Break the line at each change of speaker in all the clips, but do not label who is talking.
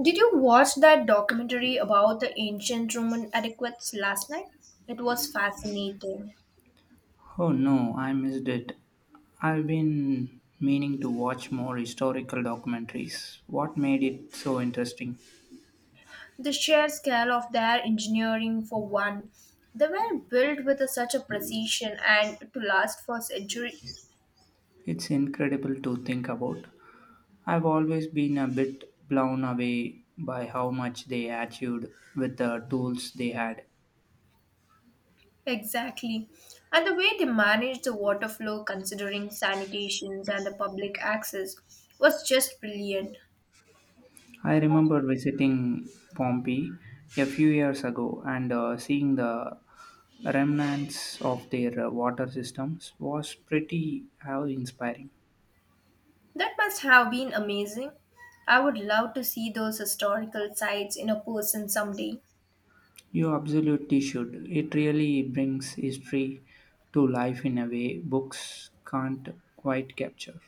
Did you watch that documentary about the ancient Roman adequates last night? It was fascinating.
Oh no, I missed it. I've been meaning to watch more historical documentaries. What made it so interesting?
The sheer scale of their engineering, for one, they were built with such a precision and to last for centuries.
It's incredible to think about. I've always been a bit blown away by how much they achieved with the tools they had.
Exactly. And the way they managed the water flow, considering sanitations and the public access, was just brilliant.
I remember visiting Pompeii a few years ago and seeing the remnants of their water systems was pretty inspiring.
That must have been amazing. I would love to see those historical sites in a person someday.
You absolutely should. It really brings history to life in a way books can't quite capture.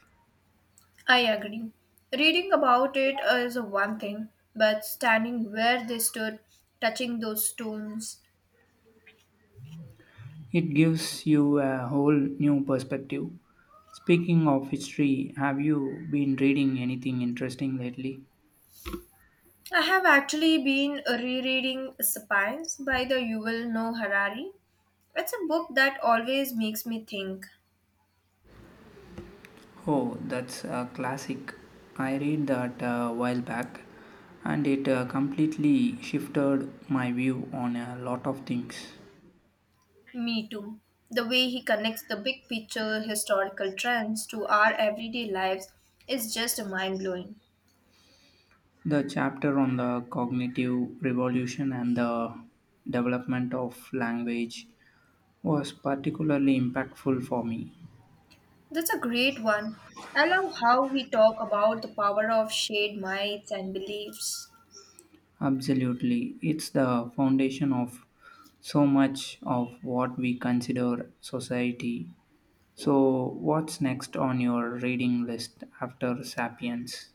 I agree. Reading about it is one thing, but standing where they stood, touching those stones.
It gives you a whole new perspective. Speaking of history, have you been reading anything interesting lately?
I have actually been rereading Sapiens by the Yuval Noah Harari. It's a book that always makes me think.
Oh, that's a classic. I read that a while back and it completely shifted my view on a lot of things.
Me too. The way he connects the big picture historical trends to our everyday lives is just mind blowing.
The chapter on the cognitive revolution and the development of language was particularly impactful for me.
That's a great one. I love how he talk about the power of shared minds and beliefs.
Absolutely, it's the foundation of so much of what we consider society. So, what's next on your reading list after Sapiens?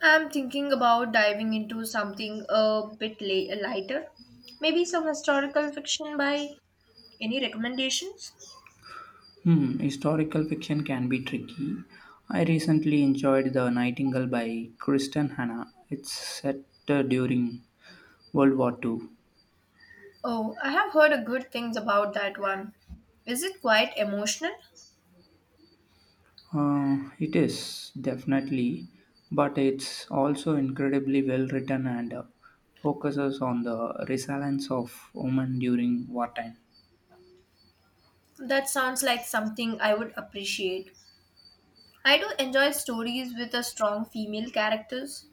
I'm thinking about diving into something a bit lighter. Maybe some historical fiction by any recommendations?
Hmm, historical fiction can be tricky. I recently enjoyed The Nightingale by Kristen Hanna. It's set during World War Two.
Oh, I have heard a good things about that one. Is it quite emotional?
It is definitely, but it's also incredibly well written and focuses on the resilience of women during wartime.
That sounds like something I would appreciate. I do enjoy stories with a strong female characters.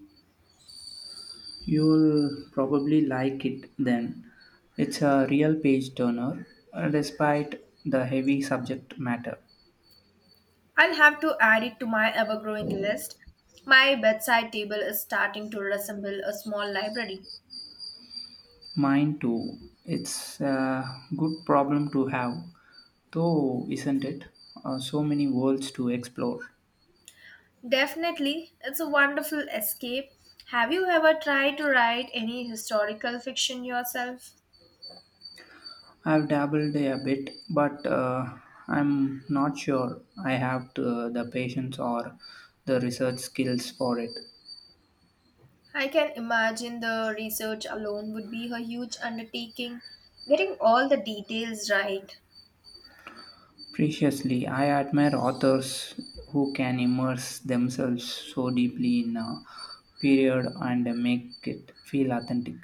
You'll probably like it then. It's a real page turner, despite the heavy subject matter.
I'll have to add it to my ever-growing list. My bedside table is starting to resemble a small library.
Mine too. It's a good problem to have, though, isn't it? So many worlds to explore.
Definitely, it's a wonderful escape. Have you ever tried to write any historical fiction yourself?
I've dabbled a bit, but I'm not sure I have to, the patience or the research skills for it.
I can imagine the research alone would be a huge undertaking, getting all the details right.
Preciously, I admire authors who can immerse themselves so deeply in a period and make it feel authentic.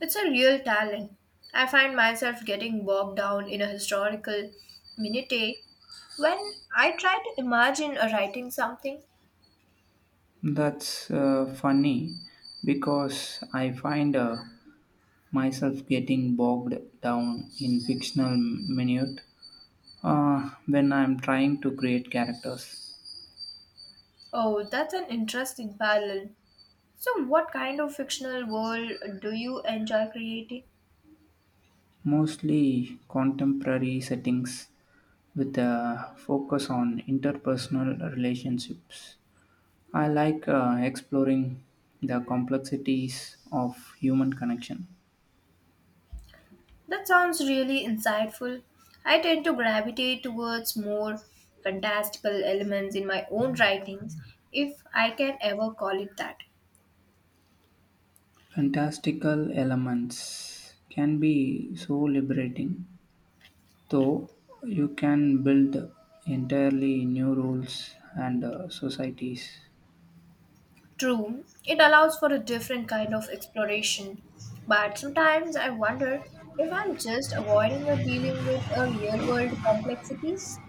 It's a real talent. I find myself getting bogged down in a historical minutiae when I try to imagine writing something.
That's funny because I find myself getting bogged down in fictional minute when I'm trying to create characters,
Oh, that's an interesting parallel. So, what kind of fictional world do you enjoy creating?
mostly contemporary settings with a focus on interpersonal relationships. I like exploring the complexities of human connection.
That sounds really insightful. I tend to gravitate towards more fantastical elements in my own writings, if I can ever call it that.
Fantastical elements can be so liberating, though you can build entirely new rules and societies.
True, it allows for a different kind of exploration, but sometimes I wonder if I'm just avoiding or dealing with a real world complexities.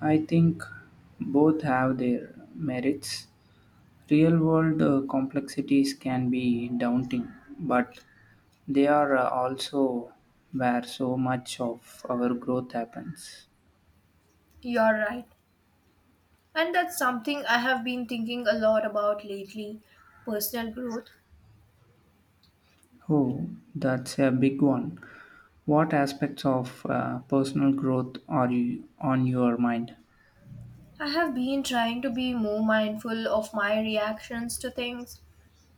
I think both have their merits. Real world complexities can be daunting, but they are also where so much of our growth happens.
You're right. And that's something I have been thinking a lot about lately personal growth.
Oh, that's a big one. What aspects of personal growth are you on your mind?
I have been trying to be more mindful of my reactions to things.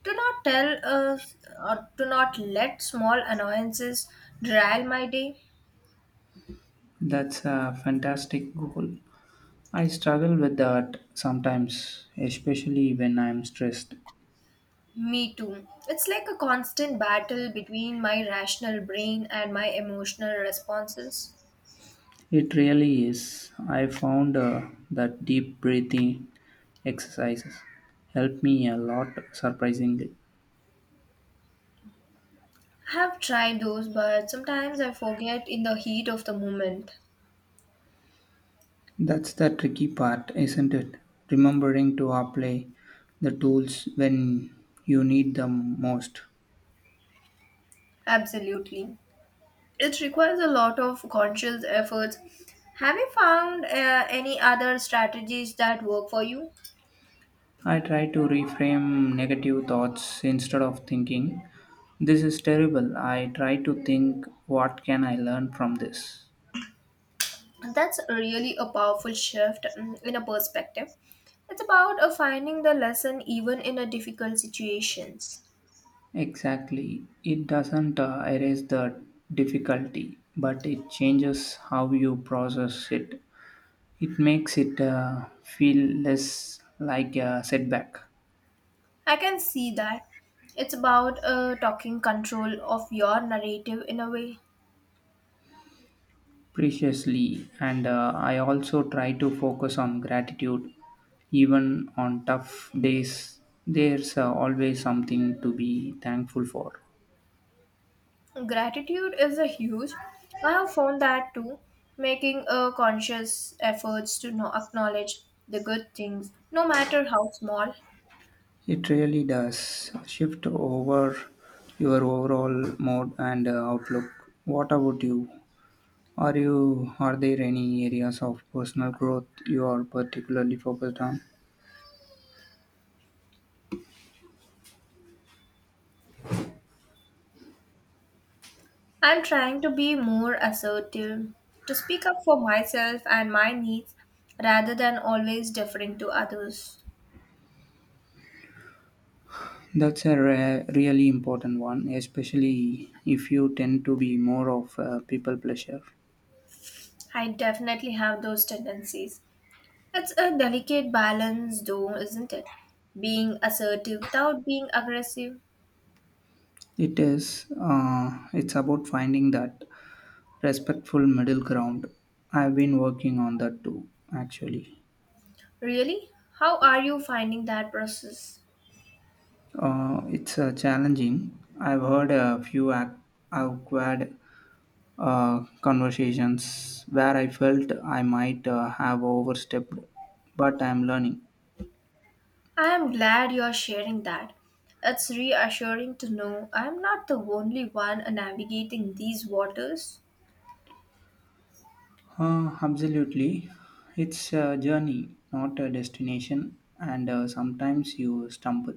Do not tell us, or do not let small annoyances derail my day.
That's a fantastic goal. I struggle with that sometimes, especially when I'm stressed.
Me too. It's like a constant battle between my rational brain and my emotional responses.
It really is. I found that deep breathing exercises help me a lot, surprisingly.
I have tried those, but sometimes I forget in the heat of the moment.
That's the tricky part, isn't it? Remembering to apply the tools when you need them most.
Absolutely. It requires a lot of conscious efforts. Have you found any other strategies that work for you?
I try to reframe negative thoughts instead of thinking, this is terrible. I try to think, what can I learn from this?
And that's really a powerful shift in a perspective. It's about finding the lesson even in a difficult situations.
Exactly. It doesn't erase the difficulty, but it changes how you process it. It makes it feel less like a setback.
I can see that. It's about talking control of your narrative in a way.
Preciously, and I also try to focus on gratitude. Even on tough days, there's always something to be thankful for.
Gratitude is a huge. I have found that too. Making a conscious efforts to acknowledge the good things, no matter how small,
It really does shift over your overall mood and outlook. What about you? Are you are there any areas of personal growth you are particularly focused on?
I'm trying to be more assertive, to speak up for myself and my needs rather than always deferring to others.
That's a really important one, especially if you tend to be more of a people pleasure.
I definitely have those tendencies. It's a delicate balance, though, isn't it? Being assertive without being aggressive.
It is. It's about finding that respectful middle ground. I've been working on that too, actually.
Really? How are you finding that process?
It's challenging. I've heard a few awkward conversations where I felt I might have overstepped, but I'm learning.
I am glad you're sharing that. It's reassuring to know I'm not the only one navigating these waters.
Absolutely. It's a journey, not a destination, and sometimes you stumble.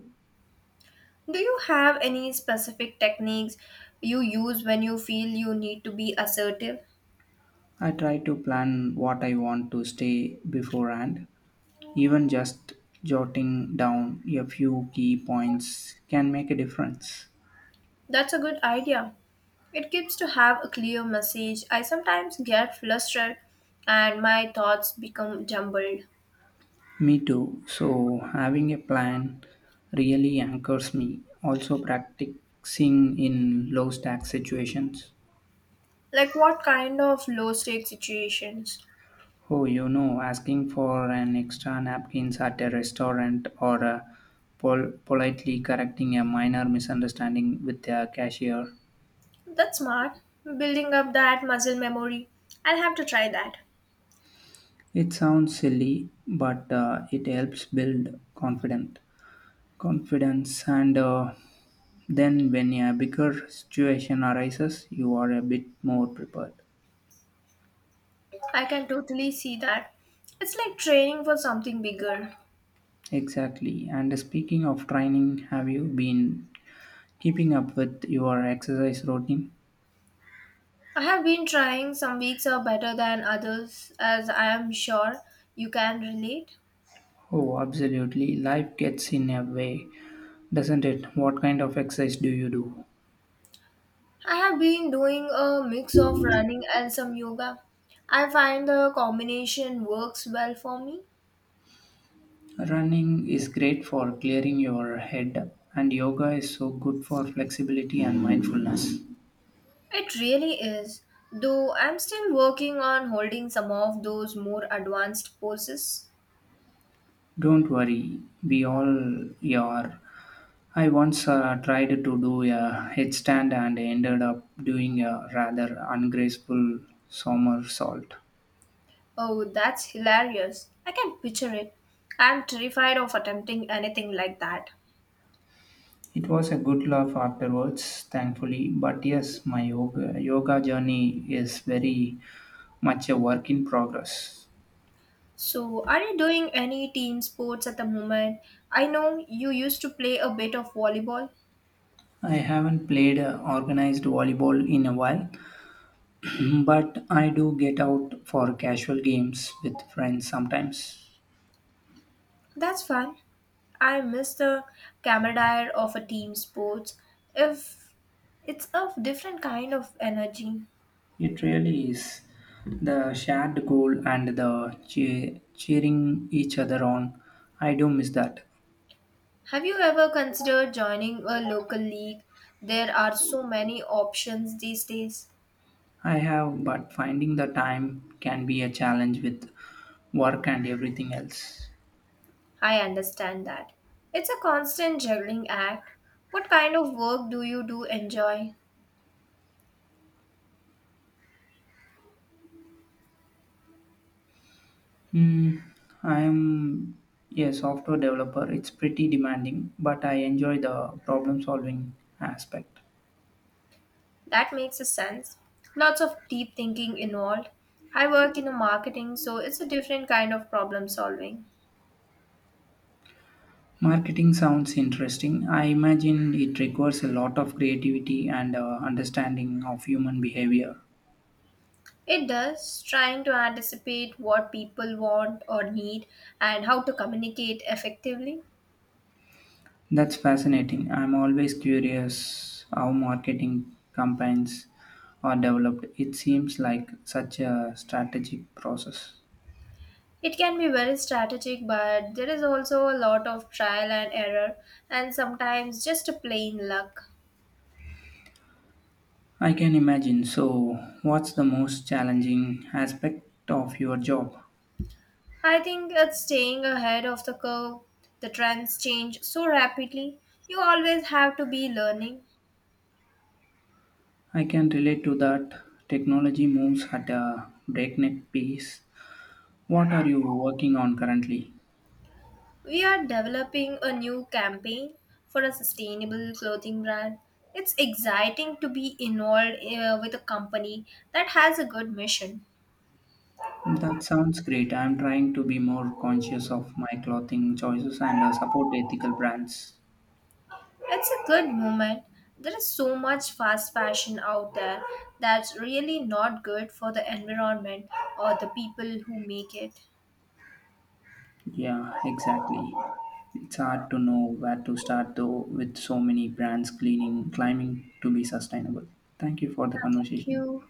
Do you have any specific techniques you use when you feel you need to be assertive?
I try to plan what I want to stay beforehand. Even just jotting down a few key points can make a difference.
That's a good idea. It gives to have a clear message. I sometimes get flustered and my thoughts become jumbled.
Me too. So, having a plan really anchors me. Also, practicing in low stack situations.
Like what kind of low stake situations?
Oh, you know, asking for an extra napkins at a restaurant or politely correcting a minor misunderstanding with a cashier.
That's smart. Building up that muscle memory. I'll have to try that.
It sounds silly, but it helps build confidence. Confidence, and then when a bigger situation arises, you are a bit more prepared.
I can totally see that. It's like training for something bigger.
Exactly. And speaking of training, have you been keeping up with your exercise routine?
I have been trying. Some weeks are better than others, as I am sure you can relate.
Oh, absolutely. Life gets in a way, doesn't it? What kind of exercise do you do?
I have been doing a mix of running and some yoga. I find the combination works well for me.
Running is great for clearing your head, and yoga is so good for flexibility and mindfulness.
It really is, though I'm still working on holding some of those more advanced poses.
Don't worry, we all are. I once tried to do a headstand and ended up doing a rather ungraceful somersault.
Oh, that's hilarious. I can picture it. I'm terrified of attempting anything like that.
It was a good laugh afterwards, thankfully. But yes, my yoga journey is very much a work in progress.
So, are you doing any team sports at the moment? I know you used to play a bit of volleyball.
I haven't played organized volleyball in a while, but I do get out for casual games with friends sometimes.
That's fun. I miss the camaraderie of a team sports. If it's a different kind of energy.
It really is the shared goal and the cheering each other on. I do miss that.
Have you ever considered joining a local league? There are so many options these days.
I have, but finding the time can be a challenge with work and everything else.
I understand that. It's a constant juggling act. What kind of work do you do enjoy?
Hmm, I am a software developer. It's pretty demanding, but I enjoy the problem solving aspect.
That makes a sense. Lots of deep thinking involved. I work in marketing, so it's a different kind of problem solving.
Marketing sounds interesting. I imagine it requires a lot of creativity and understanding of human behavior.
It does, trying to anticipate what people want or need and how to communicate effectively.
That's fascinating. I'm always curious how marketing campaigns are developed. It seems like such a strategic process.
It can be very strategic, but there is also a lot of trial and error and sometimes just a plain luck.
I can imagine. So, what's the most challenging aspect of your job?
I think it's staying ahead of the curve. The trends change so rapidly. You always have to be learning.
I can relate to that. Technology moves at a breakneck pace. What are you working on currently?
We are developing a new campaign for a sustainable clothing brand. It's exciting to be involved with a company that has a good mission.
That sounds great. I'm trying to be more conscious of my clothing choices and support ethical brands.
It's a good moment. There is so much fast fashion out there that's really not good for the environment or the people who make it.
Yeah, exactly. It's hard to know where to start though with so many brands cleaning climbing to be sustainable. Thank you for the
Yeah, thank
conversation.
you.